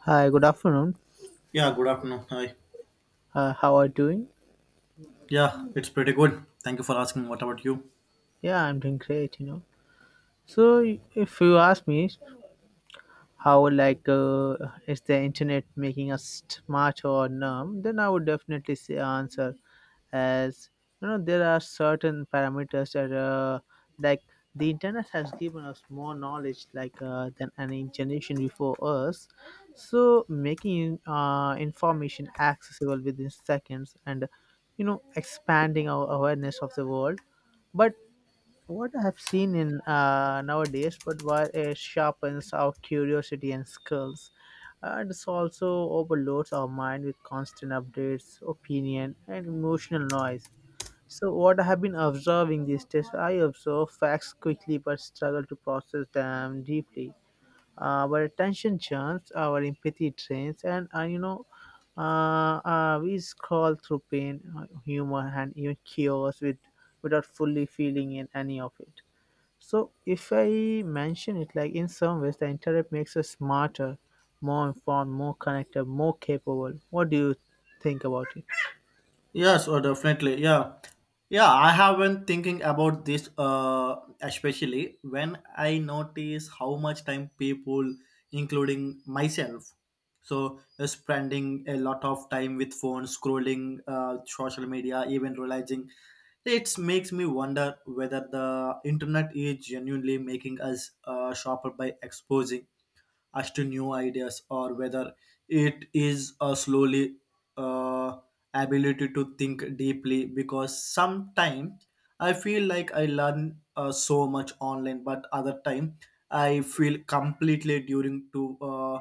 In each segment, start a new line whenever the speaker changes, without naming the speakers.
Hi, good afternoon.
Yeah, good afternoon. Hi.
How are you doing?
Yeah, it's pretty good. Thank you for asking. What about you?
Yeah, I'm doing great, you know. So, if you ask me, how like is the internet making us smarter or numb, then I would definitely say answer as, you know, there are certain parameters that like the internet has given us more knowledge like than any generation before us, so making information accessible within seconds and, you know, expanding our awareness of the world. But what I have seen in nowadays, but why it sharpens our curiosity and skills, and this also overloads our mind with constant updates, opinion, and emotional noise. So, what I have been observing these days, I observe facts quickly but struggle to process them deeply. Our attention churns, our empathy drains, and we scroll through pain, humor, and even chaos without fully feeling in any of it. So if I mention it, like, in some ways the internet makes us smarter, more informed, more connected, more capable. What do you think about it?
Yes, or definitely. Yeah. Yeah, I have been thinking about this, especially when I notice how much time people, including myself, spending a lot of time with phones, scrolling social media, even realizing it makes me wonder whether the internet is genuinely making us sharper by exposing us to new ideas or whether it is slowly uh, ability to think deeply because sometimes I feel like I learn so much online, but other time I feel completely during to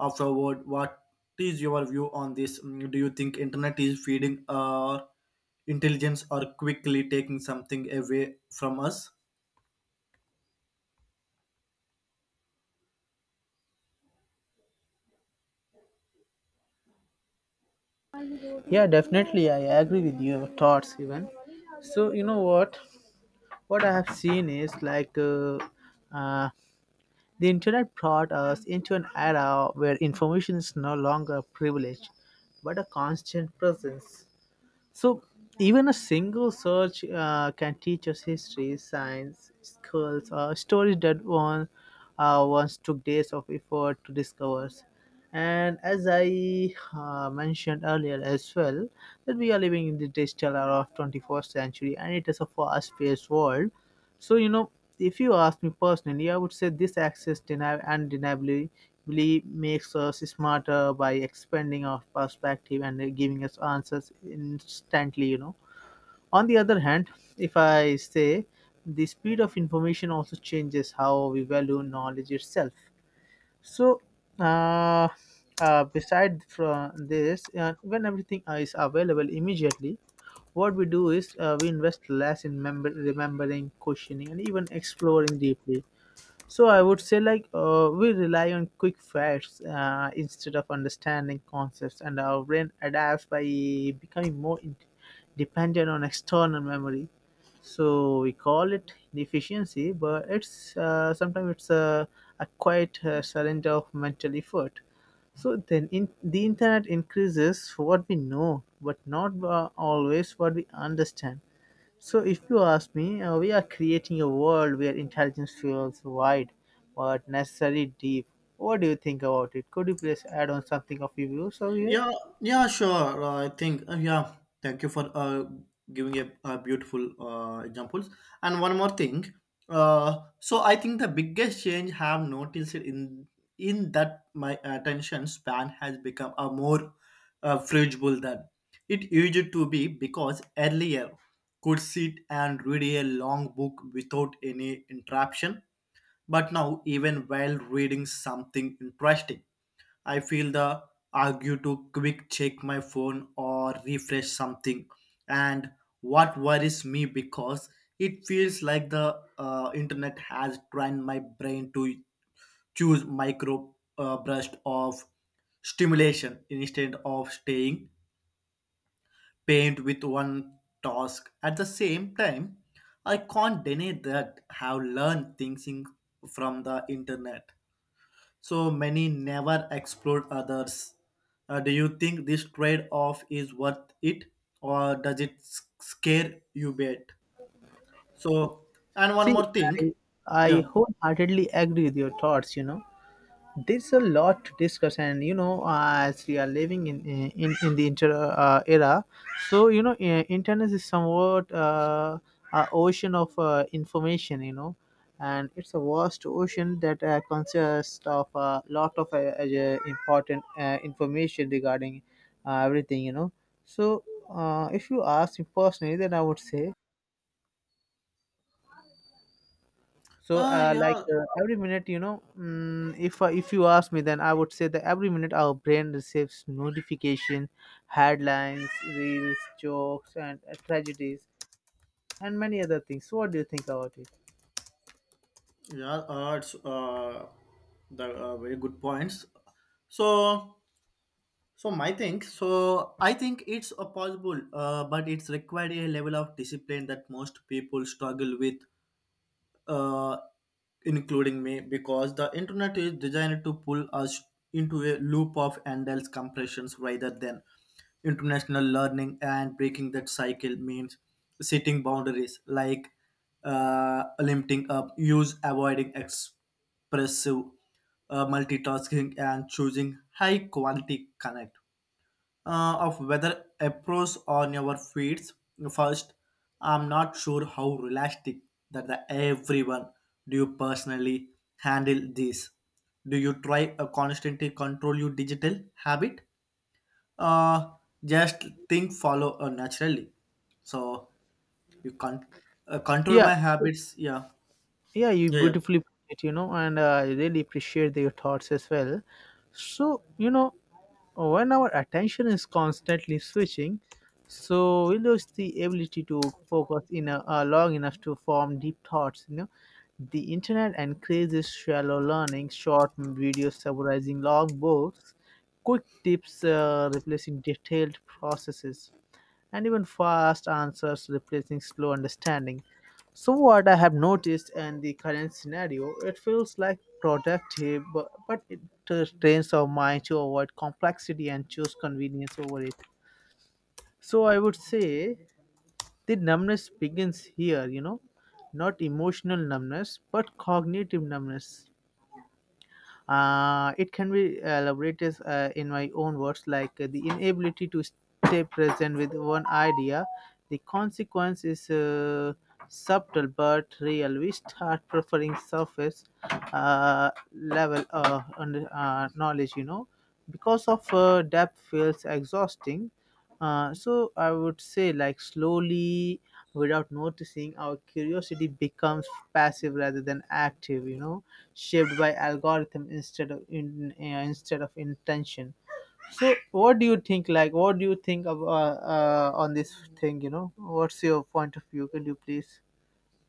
afterward. What is your view on this? Mm, do you think internet is feeding our intelligence or quickly taking something away from us?
Yeah, definitely I agree with your thoughts even. So you know what? What I have seen is like uh, the internet brought us into an era where information is no longer a privilege, but a constant presence. So even a single search can teach us history, science, skills, stories that one once took days of effort to discover. And as I mentioned earlier as well, that we are living in the digital era of 21st century, and it is a fast-paced world, so, you know, if you ask me personally, I would say this access undeniably really makes us smarter by expanding our perspective and giving us answers instantly, you know. On the other hand, if I say, the speed of information also changes how we value knowledge itself. So, uh, beside from this, when everything is available immediately, what we do is we invest less in remembering, questioning, and even exploring deeply. So I would say, like, we rely on quick facts instead of understanding concepts, and our brain adapts by becoming dependent on external memory. So we call it deficiency, but it's sometimes it's a quiet surrender of mental effort. So then, in, the internet increases what we know, but not always what we understand. So, if you ask me, we are creating a world where intelligence feels wide but necessarily deep. What do you think about it? Could you please add on something of your views over here?
Yeah, yeah, sure. I think yeah. Thank you for giving a beautiful examples. And one more thing. So I think the biggest change have noticed in that my attention span has become a more flexible than it used to be because earlier could sit and read a long book without any interruption. But now even while reading something interesting I feel the argue to quick check my phone or refresh something. And what worries me because it feels like the internet has trained my brain to choose micro burst of stimulation instead of staying pained with one task. At the same time, I can't deny that I have learned things from the internet so many never explored others. Do you think this trade off is worth it or does it scare you bad? So, and one
See,
more
I,
thing, yeah,
I wholeheartedly agree with your thoughts, you know. There's a lot to discuss, and you know, as we are living in the inter era, so you know, internet is somewhat a ocean of information, you know, and it's a vast ocean that consists of a lot of important information regarding everything, you know. So if you ask me personally, then I would say, so
yeah,
every minute, you know, if you ask me, then I would say that every minute our brain receives notification, headlines, reels, jokes, and tragedies, and many other things. So what do you think about it?
yeah, it's the very good points. So, so my thing, so I think it's possible, but it's required a level of discipline that most people struggle with, uh, including me, because the internet is designed to pull us into a loop of endless compressions rather than international learning, and breaking that cycle means setting boundaries like limiting up use, avoiding expressive multitasking, and choosing high quality connect of whether approach on your feeds first. I'm not sure how realistic that the everyone. Do you personally handle this? Do you try a constantly control your digital habit, uh, just think follow naturally, so you can control
yeah
my habits? Yeah,
yeah you
yeah, yeah.
beautifully put it, you know, and I really appreciate your thoughts as well. So you know, when our attention is constantly switching, so we lose the ability to focus in a long enough to form deep thoughts, you know. The internet encourages shallow learning, short videos summarizing long books, quick tips replacing detailed processes, and even fast answers replacing slow understanding. So what I have noticed in the current scenario, it feels like productive, but it trains our mind to avoid complexity and choose convenience over it. So I would say the numbness begins here, you know, not emotional numbness, but cognitive numbness. It can be elaborated in my own words, like, the inability to stay present with one idea. The consequence is subtle but real. We start preferring surface level knowledge, you know, because of depth feels exhausting. So I would say, like, slowly without noticing, our curiosity becomes passive rather than active, you know, shaped by algorithm instead of intention. So what do you think, like what do you think of, on this thing, you know? What's your point of view? Can you please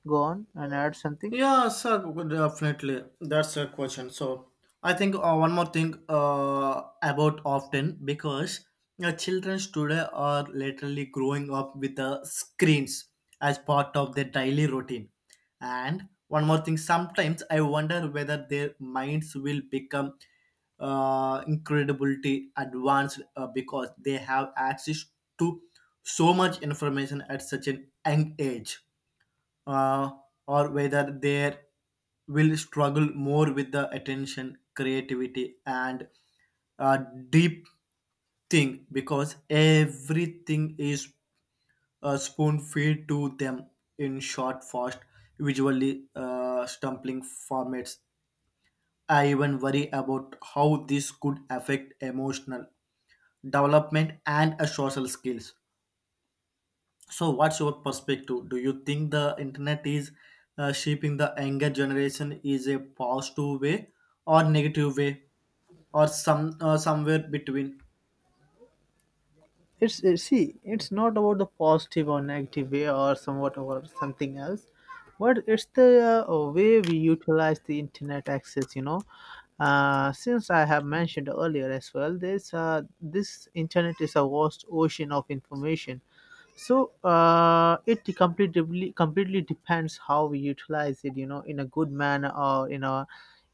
go on and add something?
Yeah, sir, definitely. That's a question. So, I think one more thing about often because children today are literally growing up with the screens as part of their daily routine. And one more thing, sometimes I wonder whether their minds will become incredibly advanced because they have access to so much information at such an young age, uh, or whether they will struggle more with the attention, creativity, and uh, deep thing because everything is spoon fed to them in short, fast, visually stumbling formats. I even worry about how this could affect emotional development and social skills. So, what's your perspective? Do you think the internet is shaping the younger generation is a positive way or negative way, or somewhere between?
It's See, it's not about the positive or negative way or somewhat or something else, but it's the way we utilize the internet access, you know. Since I have mentioned earlier as well, this internet is a vast ocean of information. So it completely depends how we utilize it, you know, in a good manner or in a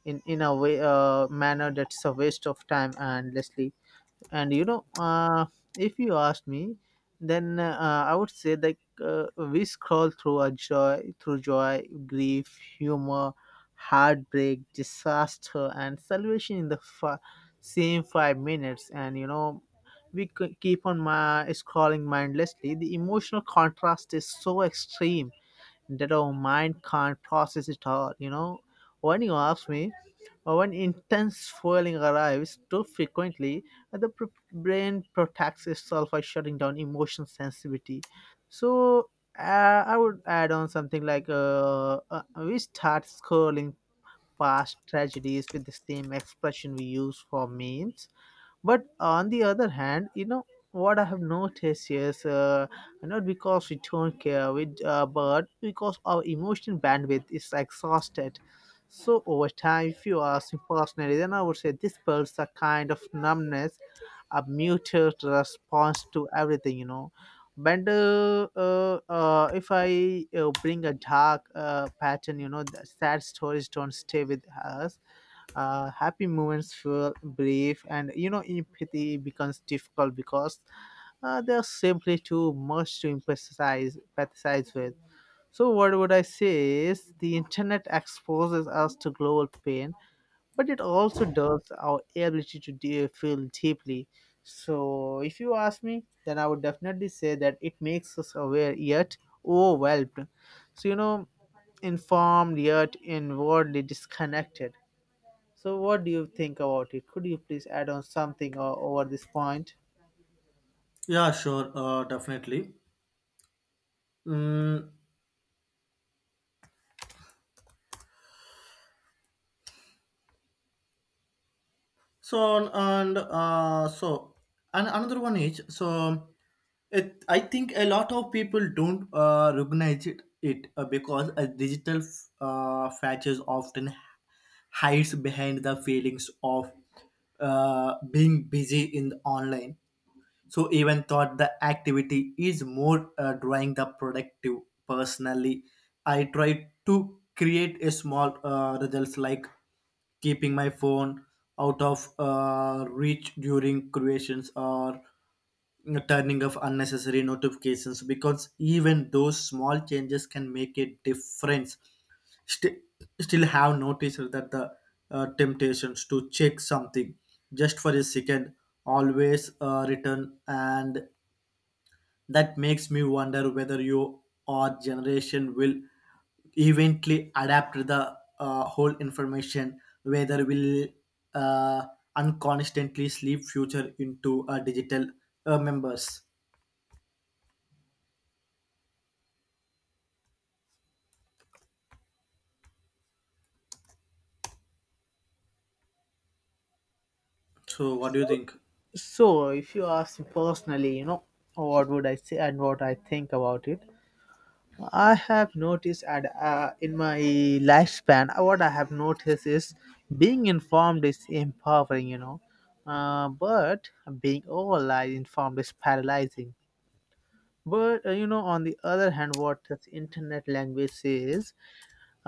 in in a way manner that's a waste of time and endlessly. And you know, if you ask me, then I would say, like uh, we scroll through joy, grief, humor, heartbreak, disaster, and salvation in the same 5 minutes. And you know, we keep on my scrolling mindlessly. The emotional contrast is so extreme that our mind can't process it all, you know. When you ask me, when intense swelling arrives too frequently, uh, the pr- brain protects itself by shutting down emotion sensitivity. So I would add on something like, we start scrolling past tragedies with the same expression we use for memes. But on the other hand, you know, what I have noticed is, not because we don't care with but because our emotional bandwidth is exhausted. So over time, if you ask me personally, then I would say this builds a kind of numbness, a muted response to everything, you know. But if I bring a dark pattern, you know, the sad stories don't stay with us, happy moments feel brief, and you know, empathy becomes difficult because there's simply too much to emphasize empathize with. So what would I say is, the internet exposes us to global pain, but it also does our ability to feel deeply. So if you ask me, then I would definitely say that it makes us aware yet overwhelmed, so you know, informed yet inwardly disconnected. So, what do you think about it? Could you please add on something over this point?
Yeah, sure, definitely. Mm, so and so and another one is so it, I think a lot of people don't recognize it, because a digital features often hides behind the feelings of being busy in the online, so even thought the activity is more drawing the productive personally. I try to create a small results like keeping my phone out of reach during creations or turning off unnecessary notifications, because even those small changes can make a difference. Still, still, have noticed that the temptations to check something just for a second always return, and that makes me wonder whether you or generation will eventually adapt the whole information, whether will uh, unconsciously sleep future into digital members. So, what do you think?
So, if you ask me personally, you know, what would I say and what I think about it? I have noticed, and in my lifespan, what I have noticed is, being informed is empowering, you know, but being overly informed is paralyzing. But you know, on the other hand, what this internet language says,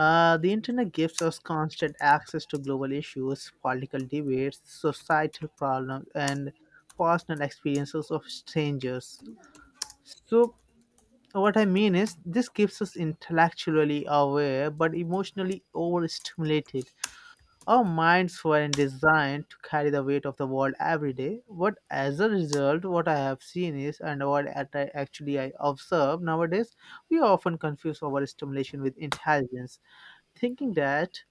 The internet gives us constant access to global issues, political debates, societal problems, and personal experiences of strangers. So, what I mean is, this keeps us intellectually aware but emotionally overstimulated. Our minds weren't designed to carry the weight of the world every day. But as a result, what I have seen is, and I actually I observe nowadays, we often confuse overstimulation with intelligence, thinking that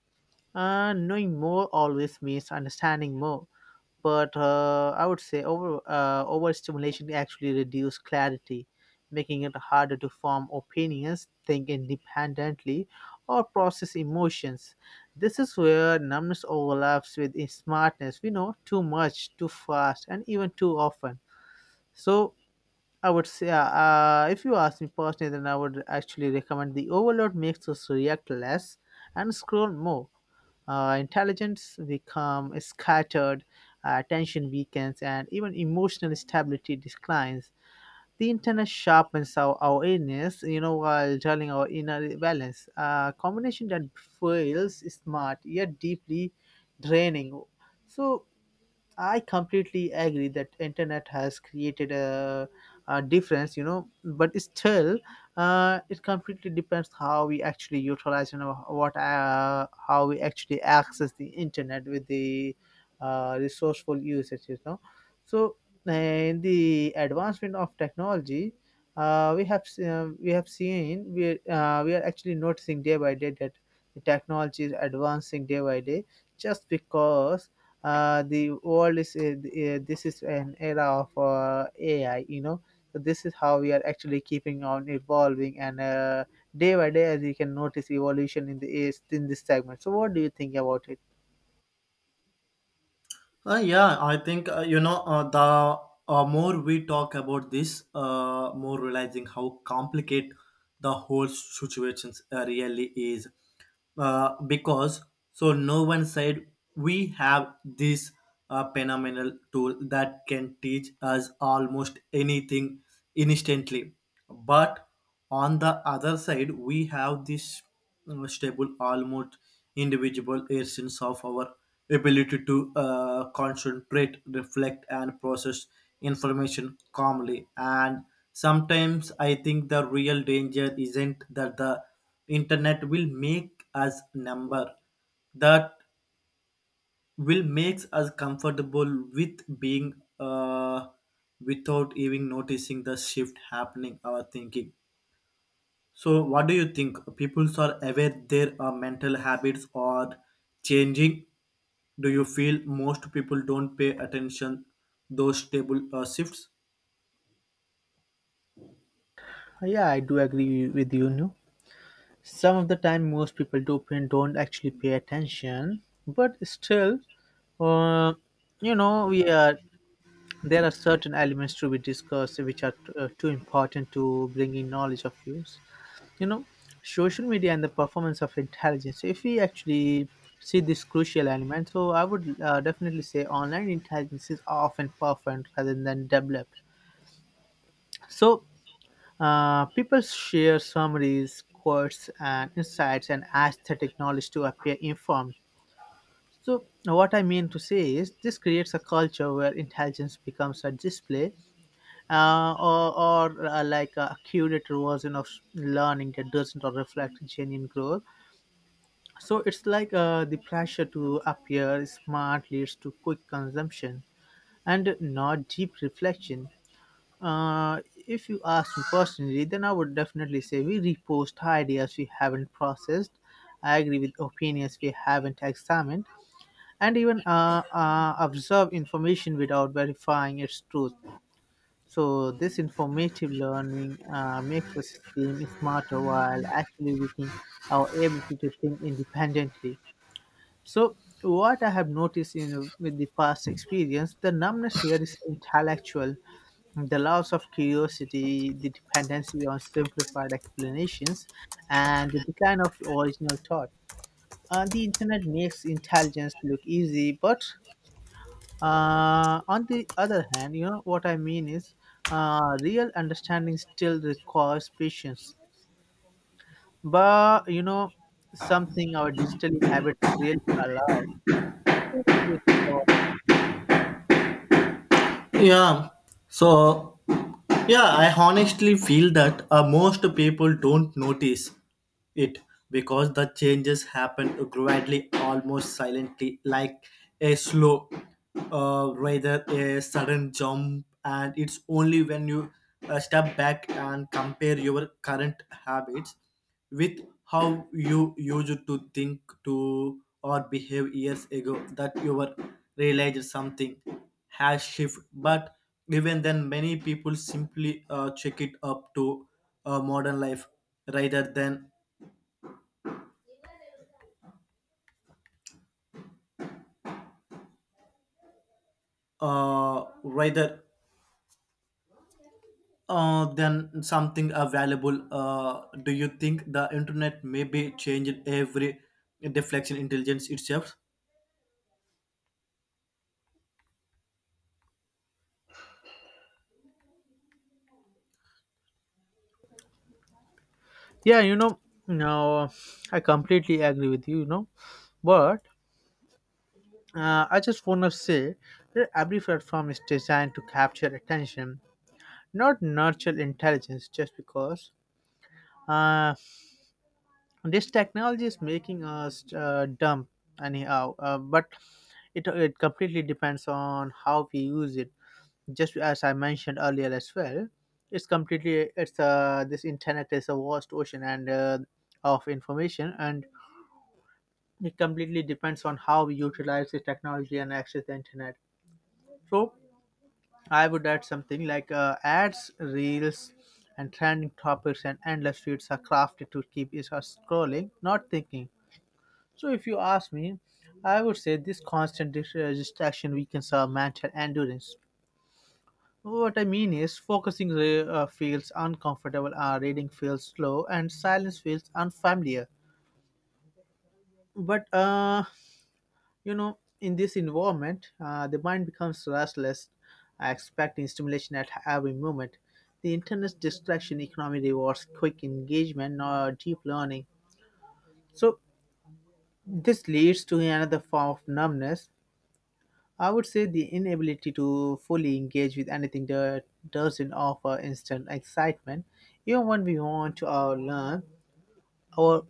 knowing more always means understanding more, but I would say overstimulation actually reduces clarity, making it harder to form opinions, think independently, or process emotions. This is where numbness overlaps with smartness. We know too much, too fast, and even too often. So I would say, if you ask me personally, then I would actually recommend the overload makes us react less and scroll more. Intelligence become scattered, attention weakens, and even emotional stability declines. The internet sharpens our awareness, you know, while dulling our inner balance. A combination that feels smart yet deeply draining. So I completely agree that internet has created a difference, you know, but still, it completely depends how we actually utilize, you know, what how we actually access the internet with the resourceful usage, you know. So, in the advancement of technology, we have seen, we are actually noticing day by day that the technology is advancing day by day, just because the world is this is an era of AI. You know, so this is how we are actually keeping on evolving, and day by day, as you can notice, evolution in the is in this segment. So, what do you think about it?
Yeah, I think you know the more we talk about this, more realizing how complicated the whole situations really is. Because so no one said we have this phenomenal tool that can teach us almost anything instantly, but on the other side, we have this stable, almost individual essence of our ability to concentrate, reflect, and process information calmly. And sometimes I think the real danger isn't that the internet will make us number, that will makes us comfortable with being uh, without even noticing the shift happening our thinking. So, what do you think? People are aware their mental habits are changing. Do you feel most people don't pay attention those stable shifts?
Yeah, I do agree with you. No, some of the time, most people do don't actually pay attention, but still, uh, you know, we are. There are certain elements to be discussed which are too important to bring in knowledge of use. You know, social media and the performance of intelligence, if we actually see this crucial element. So I would definitely say online intelligence is often performed rather than developed. So people share summaries, quotes and insights, and aesthetic knowledge to appear informed. So what I mean to say is, this creates a culture where intelligence becomes a display, or like a curated version of learning that doesn't reflect genuine growth. So it's like the pressure to appear smart leads to quick consumption and not deep reflection. If you ask me personally, then I would definitely say we repost ideas we haven't processed. I agree with opinions we haven't examined, and even observe information without verifying its truth. So this informative learning makes us seem smarter while actually weakening our ability to think independently. So, what I have noticed in with the past experience, the numbness here is intellectual, the loss of curiosity, the dependency on simplified explanations, and the decline of original thought. The internet makes intelligence look easy, but on the other hand, you know what I mean is, real understanding still requires patience. But you know, something our digital habits really allow. So, what do you think?
Yeah. So, yeah, I honestly feel that most people don't notice it because the changes happen gradually, almost silently, like a slow, rather a sudden jump. And it's only when you step back and compare your current habits with how you used to think to or behave years ago that you were realized something has shifted. But even then many people simply check it up to modern life rather than rather than something valuable. Do you think the internet may be changed every deflection intelligence itself?
Yeah, you know, no, I completely agree with you, you know, but I just want to say that every platform is designed to capture attention, not nurture intelligence, just because uh, this technology is making us dumb anyhow, but it completely depends on how we use it. Just as I mentioned earlier as well, it's completely, it's this internet is a vast ocean and of information, and it completely depends on how we utilize the technology and access the internet. So I would add something like ads, reels, and trending topics and endless feeds are crafted to keep us scrolling, not thinking. So if you ask me, I would say this constant distraction weakens our mental endurance. What I mean is, focusing feels uncomfortable, reading feels slow, and silence feels unfamiliar. But you know, in this environment the mind becomes restless, expecting stimulation at every moment. The internet's distraction economy rewards quick engagement or deep learning. So this leads to another form of numbness. I would say the inability to fully engage with anything that doesn't offer instant excitement. Even when we want to learn, our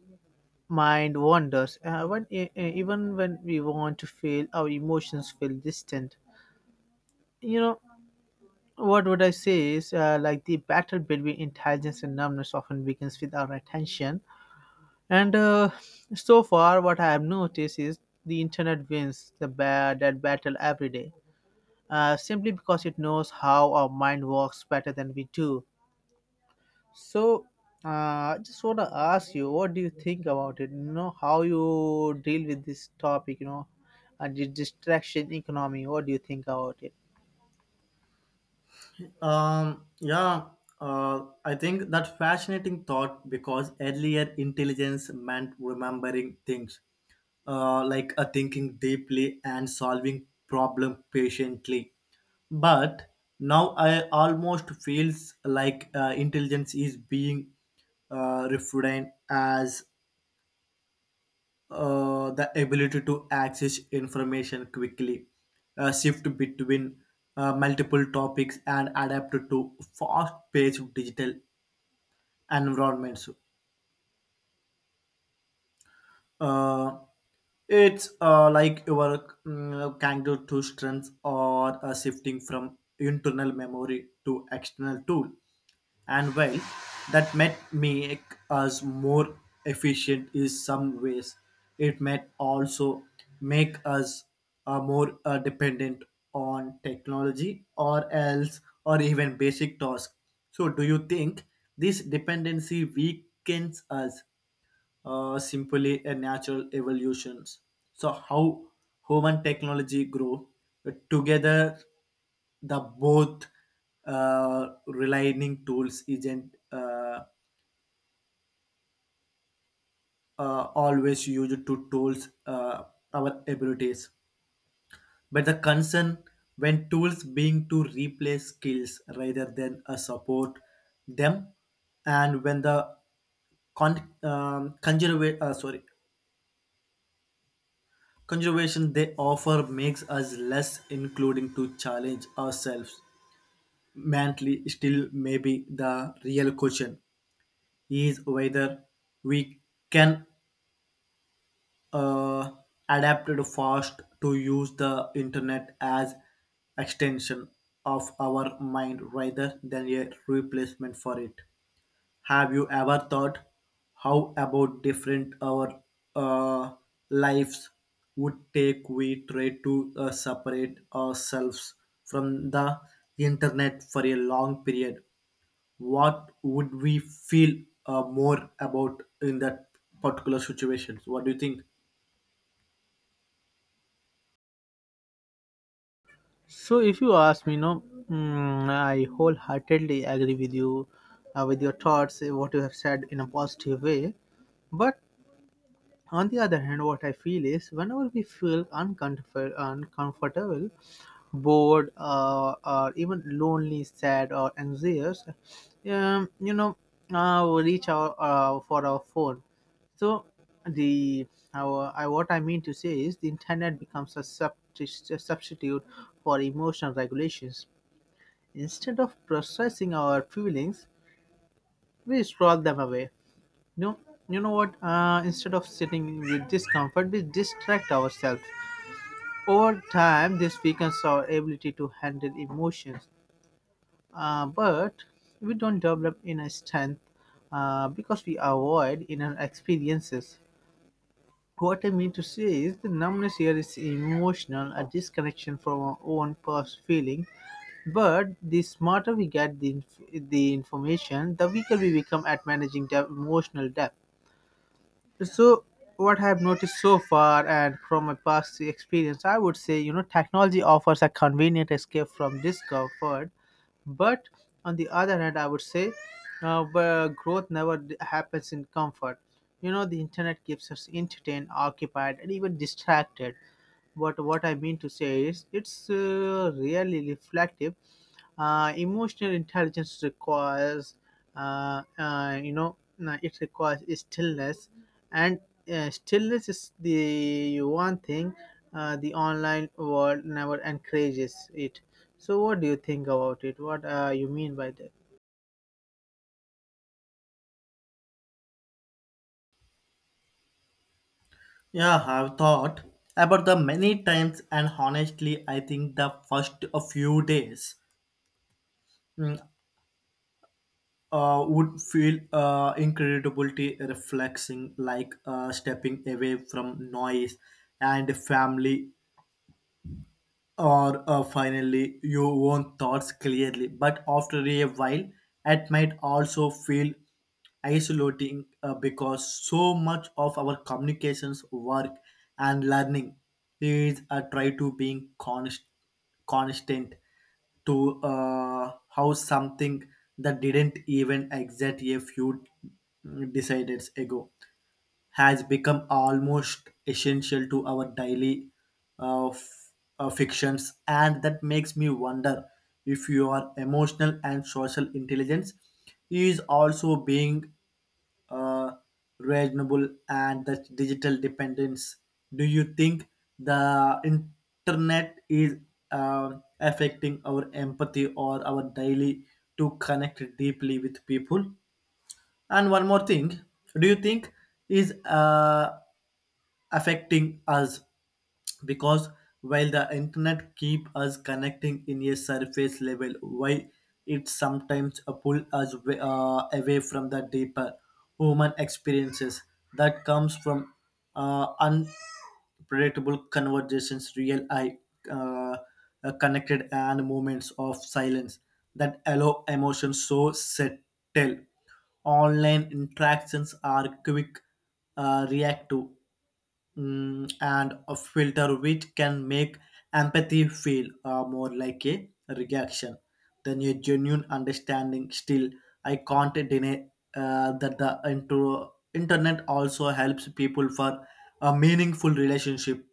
mind wanders, even when we want to feel, our emotions feel distant, you know. What would I say is like the battle between intelligence and numbness often begins with our attention. And so far, what I have noticed is the internet wins that battle every day, simply because it knows how our mind works better than we do. So, I just want to ask you, what do you think about it? You know, how you deal with this topic? You know, and the distraction economy. What do you think about it?
Yeah, I think that fascinating thought because earlier intelligence meant remembering things, like thinking deeply and solving problem patiently. But now I almost feels like intelligence is being refined as the ability to access information quickly, shift between multiple topics, and adapt to fast-paced digital environments. Uh, it's like your mm, kangaroo to strengths or shifting from internal memory to external tool. And while that might make us more efficient in some ways, it might also make us more dependent on technology or else or even basic tasks. So do you think this dependency weakens us, simply a natural evolutions? So how human technology grow together, the both relying tools isn't always used to tools our abilities, but the concern when tools being to replace skills rather than support them, and when the sorry, conservation they offer makes us less including to challenge ourselves. Mentally, still maybe the real question is whether we can uh, adapt it fast to use the internet as extension of our mind rather than a replacement for it. Have you ever thought how about different our uh, lives would take we try to separate ourselves from the internet for a long period? What would we feel more about in that particular situations? What do you think?
So, if you ask me, no, mm, I wholeheartedly agree with you, with your thoughts, what you have said in a positive way. But on the other hand, what I feel is whenever we feel uncomfortable, uncomfortable, bored, or even lonely, sad, or anxious, you know, we reach out for our phone. So the our, I, what I mean to say is the internet becomes a, a substitute for emotional regulations. Instead of processing our feelings, we scroll them away. No, you know what? Instead of sitting with discomfort, we distract ourselves. Over time, this weakens our ability to handle emotions. But we don't develop inner strength because we avoid inner experiences. What I mean to say is the numbness here is emotional, a disconnection from our own past feeling. But the smarter we get the, the information, the weaker we become at managing the emotional depth. So, what I have noticed so far and from my past experience, I would say, you know, technology offers a convenient escape from discomfort, but on the other hand, I would say but growth never happens in comfort. You know, the internet keeps us entertained, occupied, and even distracted. But what I mean to say is, it's really reflective. Emotional intelligence requires, you know, it requires stillness, and stillness is the one thing the online world never encourages it. So, what do you think about it? What you mean by that?
Yeah, I've thought about the many times, and honestly, I think the first a few days. Mm, would feel incredibly reflecting, like stepping away from noise and family or finally you own thoughts clearly. But after a while, it might also feel isolating because so much of our communications work and learning is a try to being constant to how something that didn't even exist a few decided ago has become almost essential to our daily uh, f- fictions. And that makes me wonder if your emotional and social intelligence is also being uh, reasonable and the digital dependence. Do you think the internet is uh, affecting our empathy or our daily to connect deeply with people? And one more thing, do you think is affecting us, because while the internet keep us connecting in a surface level why it sometimes pull us away from the deeper human experiences that comes from unpredictable conversations, real eye uh, connected and moments of silence that allow emotions so settle. Online interactions are quick, reactive, mm, and a filter which can make empathy feel more like a reaction than a genuine understanding. Still, I can't deny that the internet also helps people for a meaningful relationship,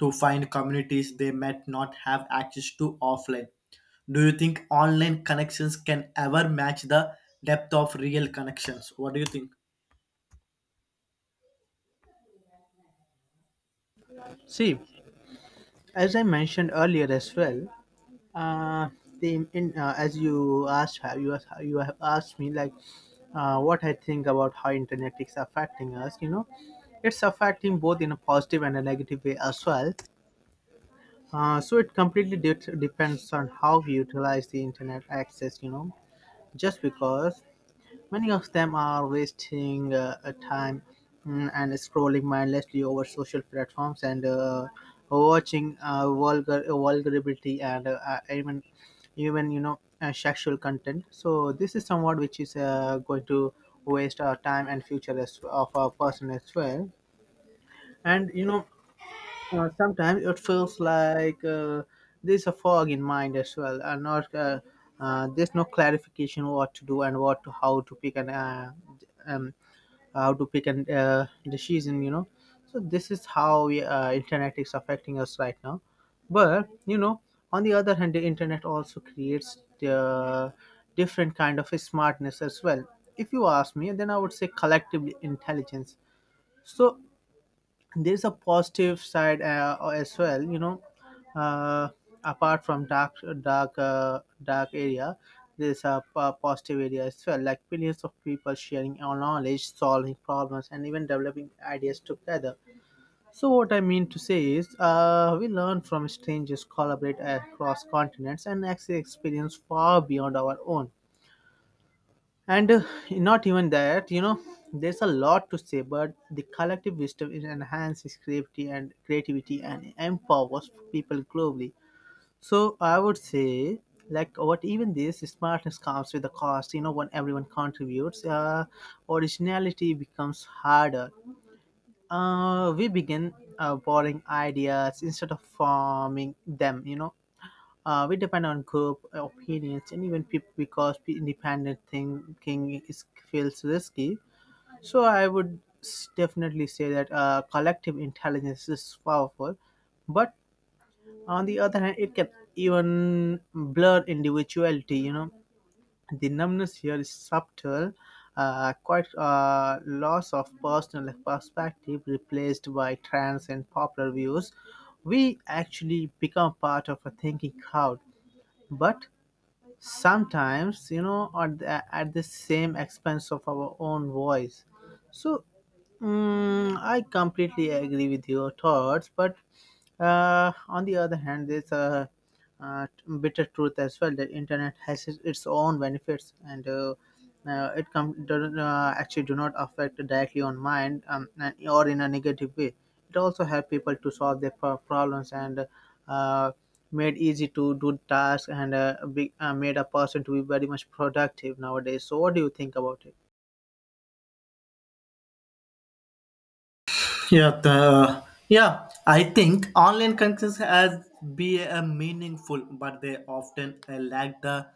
to find communities they might not have access to offline. Do you think online connections can ever match the depth of real connections? What do you think?
See, as I mentioned earlier as well, uh, the in as you asked, you have asked me like what I think about how internet is affecting us. You know, it's affecting both in a positive and a negative way as well. So it completely depends on how we utilize the internet access. You know, just because many of them are wasting time, mm, and scrolling mindlessly over social platforms and watching vulgarity and even, you know, sexual content. So this is somewhat which is going to waste our time and future as, of our person as well. And you know, sometimes it feels like there's a fog in mind as well, and not there's no clarification what to do and what to, how to pick and um, how to pick and decision. You know, so this is how we, internet is affecting us right now. But you know, on the other hand, the internet also creates the different kind of smartness as well. If you ask me, then I would say collectively intelligence. So there's a positive side as well, you know, uh, apart from dark dark area, there's a positive area as well, like billions of people sharing our knowledge, solving problems, and even developing ideas together. So what I mean to say is, we learn from strangers, collaborate across continents, and actually experience far beyond our own. And not even that, you know, there's a lot to say, but the collective wisdom, it enhances creativity and empowers people globally. So I would say, like, what even this smartness comes with a cost, you know. When everyone contributes, originality becomes harder. We begin borrowing ideas instead of forming them, you know. We depend on group opinions and even people, because independent thinking is, feels risky. So I would definitely say that collective intelligence is powerful, but on the other hand, it can even blur individuality. You know, the numbness here is subtle, quite loss of personal perspective replaced by trends and popular views. We actually become part of a thinking crowd, but sometimes, you know, at the same expense of our own voice. So mm, I completely agree with your thoughts, but on the other hand, there's a, uh bitter truth as well, that internet has its own benefits, and it doesn't actually do not affect directly on mind, and, or in a negative way. It also helps people to solve their problems and uh, made easy to do tasks, and made a person to be very much productive nowadays. So, what do you think about it?
Yeah, the, yeah. I think online connections has be a meaningful, but they often lack the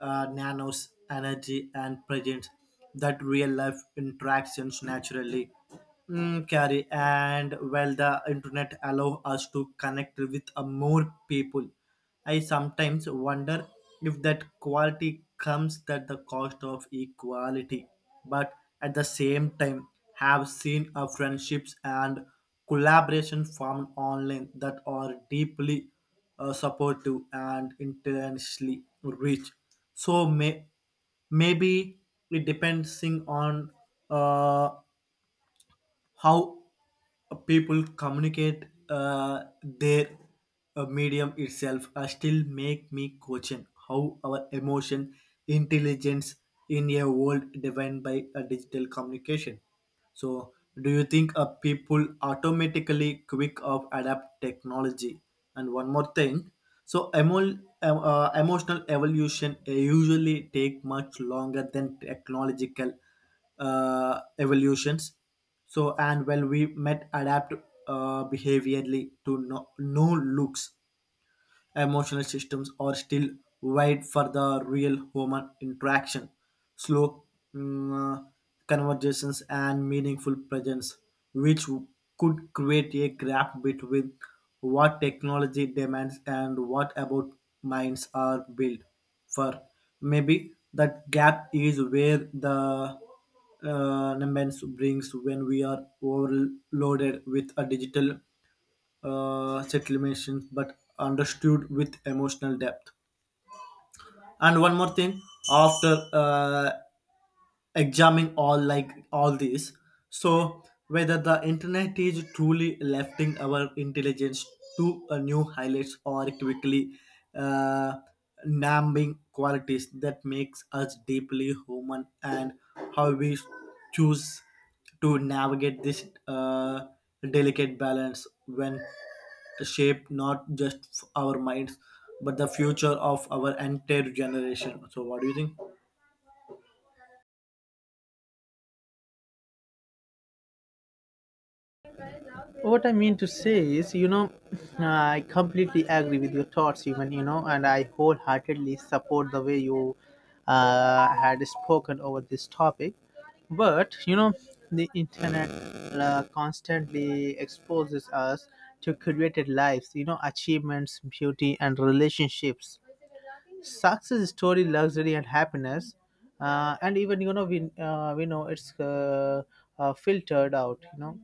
nanos energy and presence that real life interactions naturally mm, carry. And while the internet allow us to connect with more people, I sometimes wonder if that quality comes at the cost of equality, but at the same time have seen a friendships and collaboration formed online that are deeply supportive and intentionally rich. So maybe it depends on uh, how people communicate their medium itself still make me question how our emotion intelligence in a world defined by a digital communication. So do you think people automatically quick of adapt technology? And one more thing, so emotional evolution usually take much longer than technological evolutions. So, and well, we met adapt behaviorally to no, new looks. Emotional systems are still wide for the real human interaction, slow, mm, uh, conversations, and meaningful presence, which could create a gap between what technology demands and what about minds are built for. Maybe that gap is where the numbers brings when we are overloaded with a digital settlements, but understood with emotional depth. And one more thing, after examine all like all these, so whether the internet is truly lifting our intelligence to a new highlights or quickly uh, numbing qualities that makes us deeply human, and how we choose to navigate this delicate balance when shape not just our minds but the future of our entire generation. So what do you think?
What I mean to say is, you know, I completely agree with your thoughts, even, you know, and I wholeheartedly support the way you had spoken over this topic. But, you know, the internet constantly exposes us to curated lives, you know, achievements, beauty, and relationships, success story, luxury, and happiness. And even, you know, we know it's filtered out, you know.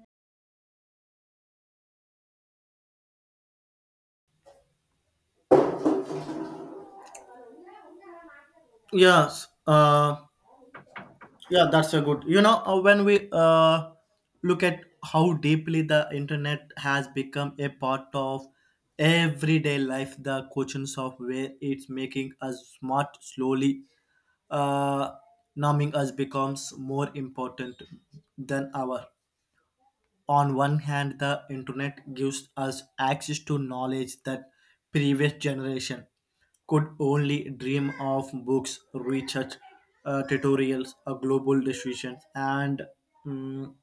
Yes, yeah, that's a good, when we look at how deeply the internet has become a part of everyday life, the questions of where it's making us smart slowly uh, numbing us becomes more important than ever. On one hand, the internet gives us access to knowledge that previous generation could only dream of: books, research, tutorials, global decisions, and mm,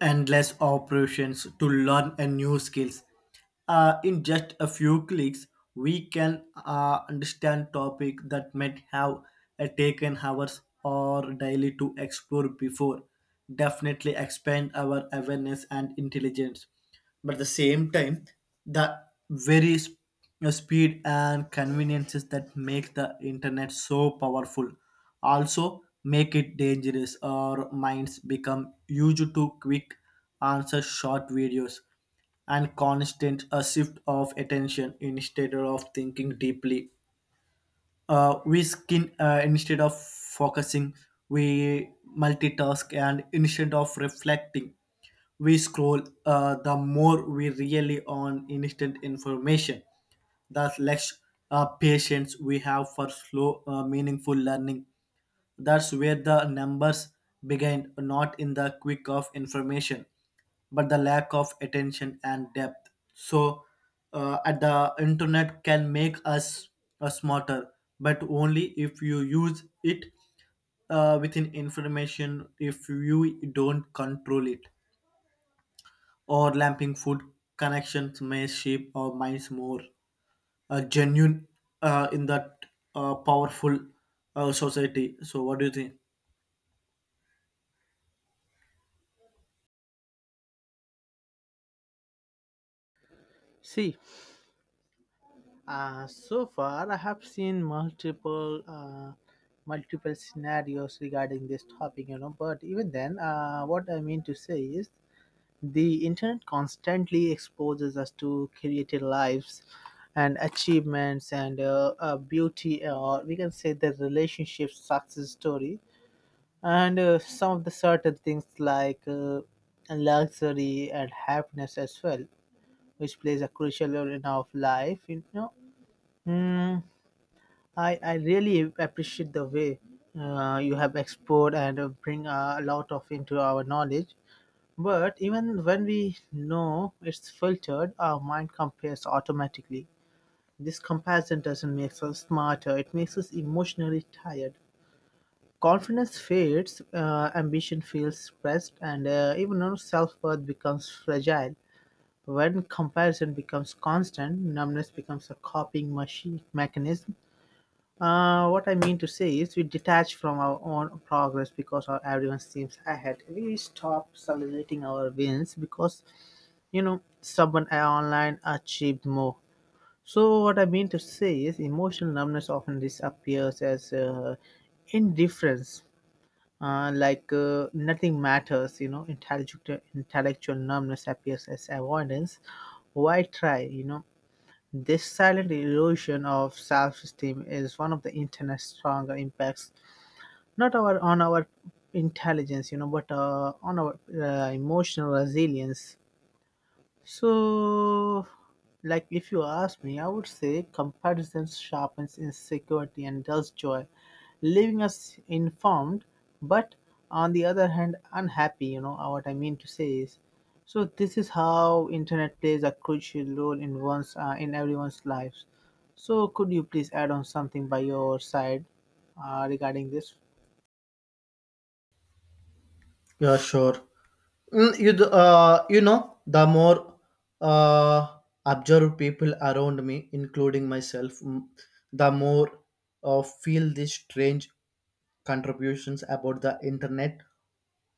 endless operations to learn a new skills. In just a few clicks, we can understand topic that might have taken hours or daily to explore before. Definitely expand our awareness and intelligence. But at the same time, the very the speed and conveniences that make the internet so powerful also make it dangerous. Our minds become used to quick answers, short videos, and constant a shift of attention. Instead of thinking deeply, we skin, instead of focusing we multitask, and instead of reflecting we scroll. The more we really on instant information, the less patience we have for slow, meaningful learning. That's where the numbers begin, not in the quick of information, but the lack of attention and depth. So, at the internet can make us smarter, but only if you use it within information. If you don't control it, or lamping food connections may shape our minds more genuine in that powerful society. So, what do you think?
See, so far, I have seen multiple scenarios regarding this topic, you know. But even then, what I mean to say is the internet constantly exposes us to creative lives and achievements, and beauty, or we can say the relationship success story, and some of the certain things like luxury and happiness as well, which plays a crucial role in our life, you know. Hmm, I really appreciate the way you have explored and bring a lot of into our knowledge. But even when we know it's filtered, our mind compares automatically. This comparison doesn't make us smarter, it makes us emotionally tired. Confidence fades, ambition feels stressed, and even our self worth becomes fragile. When comparison becomes constant, numbness becomes a copying machine mechanism. What I mean to say is, we detach from our own progress because our everyone seems ahead. We stop celebrating our wins because someone online achieved more. So what I mean to say is, emotional numbness often disappears as indifference, nothing matters. Intellectual numbness appears as avoidance. Why try? This silent erosion of self-esteem is one of the internet's stronger impacts, not our on our intelligence, but on our emotional resilience. So, like if you ask me, I would say comparison sharpens insecurity and dulls joy, leaving us informed, but on the other hand, unhappy. You know what I mean to say is, so this is how internet plays a crucial role in one's in everyone's lives. So, could you please add on something by your side regarding this?
Yeah, sure. You know, the more uh, observe people around me, including myself, the more feel these strange contributions about the internet.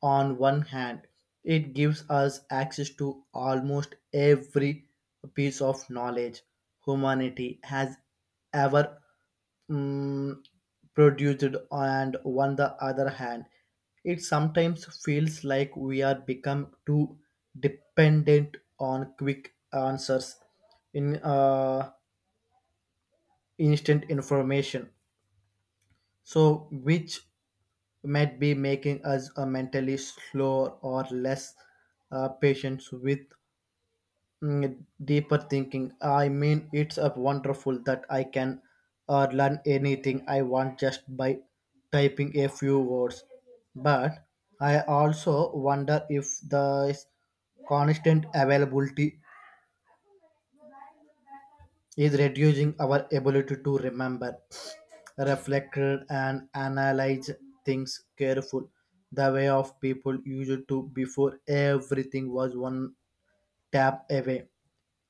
On one hand, it gives us access to almost every piece of knowledge humanity has ever mm, produced, and on the other hand it sometimes feels like we are become too dependent on quick answers in instant information. So which might be making us mentally slower or less patient with deeper thinking. I mean, it's a wonderful that I can learn anything I want just by typing a few words. But I also wonder if the constant availability is reducing our ability to remember, reflect, and analyze things careful. The way of people used to before everything was one tap away.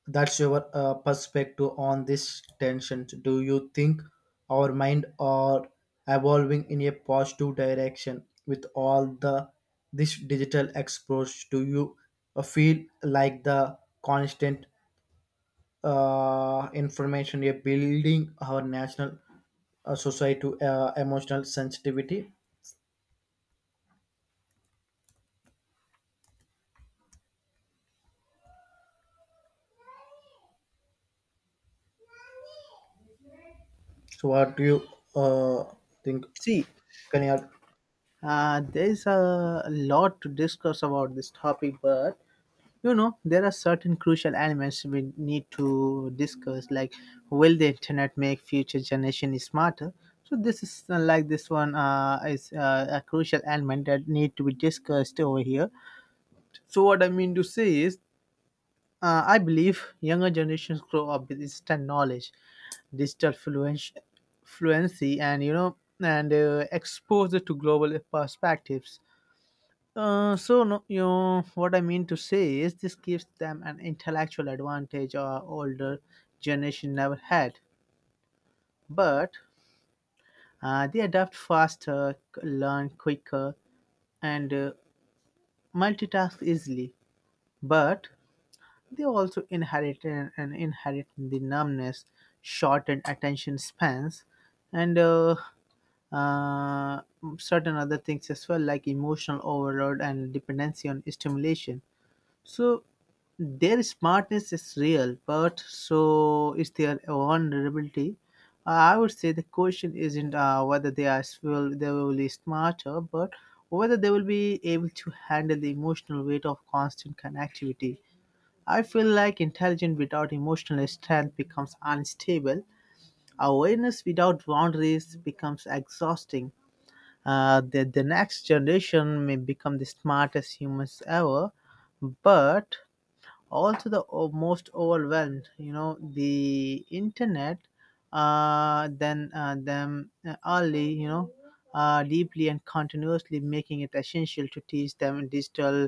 That's your perspective on this tension. Do you think our mind are evolving in a positive direction with all the this digital exposure? Do you feel like the constant information you're building our national society emotional sensitivity? So what do you think?
See,
Can you add?
There is a lot to discuss about this topic, but there are certain crucial elements we need to discuss, like will the internet make future generation smarter. So this is like this one is a crucial element that need to be discussed over here. So what I mean to say is I believe younger generations grow up with instant knowledge, digital fluency and exposure to global perspectives. Uh, so no, you know, what I mean to say is This gives them an intellectual advantage our older generation never had. But they adapt faster, learn quicker, and multitask easily. But they also inherit and inherit the numbness, shortened attention spans, and uh, certain other things as well, like emotional overload and dependency on stimulation. So their smartness is real, but so is their vulnerability. I would say the question isn't whether they are s- will they will be smarter, but whether they will be able to handle the emotional weight of constant connectivity. I feel like intelligence without emotional strength becomes unstable. Awareness without boundaries becomes exhausting. The next generation may become the smartest humans ever, but also the most overwhelmed. You know, the internet then them early, deeply and continuously, making it essential to teach them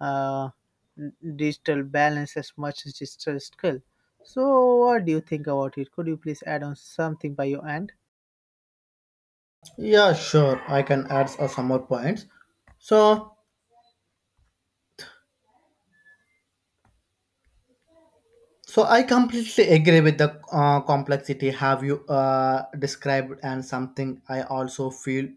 uh, digital balance as much as digital skill. So what do you think about it? Could you please add on something by your end?
Yeah, sure. I can add some more points. So, I completely agree with the complexity have you described, and something I also feel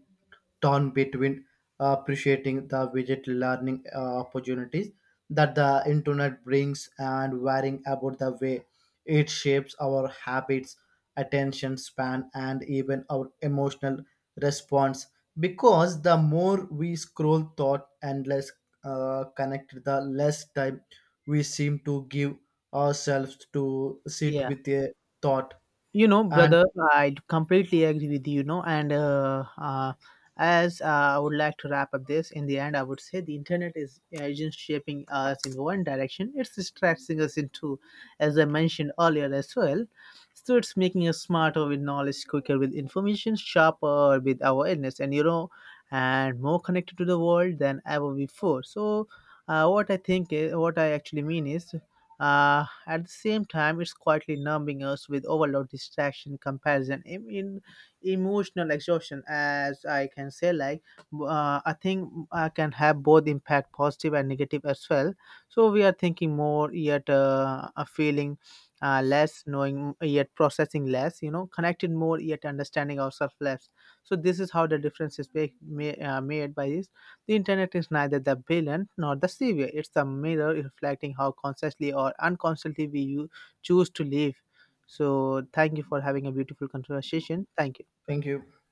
torn between appreciating the widget learning opportunities that the internet brings and worrying about the way it shapes our habits, attention span, and even our emotional response. Because the more we scroll thought and less connect, the less time we seem to give ourselves to sit
Yeah.
with a thought.
You know,
And
brother, I completely agree with you, you know, and as I would like to wrap up this. In the end, I would say the internet is isn't shaping us in one direction, it's distracting us in two, as I mentioned earlier as well. So it's making us smarter with knowledge, quicker with information, sharper with awareness, and more connected to the world than ever before. So, what I actually mean is, uh, at the same time, it's quietly numbing us with overload, distraction, comparison, in emotional exhaustion. As I can say, I think I can have both impact, positive and negative as well. So we are thinking more, yet a feeling less, knowing yet processing less. You know, connected more, yet understanding ourselves less. So this is how the difference made by this. The internet is neither the villain nor the savior. It's the mirror reflecting how consciously or unconsciously we choose to live. So, thank you for having a beautiful conversation. Thank you.
thank you.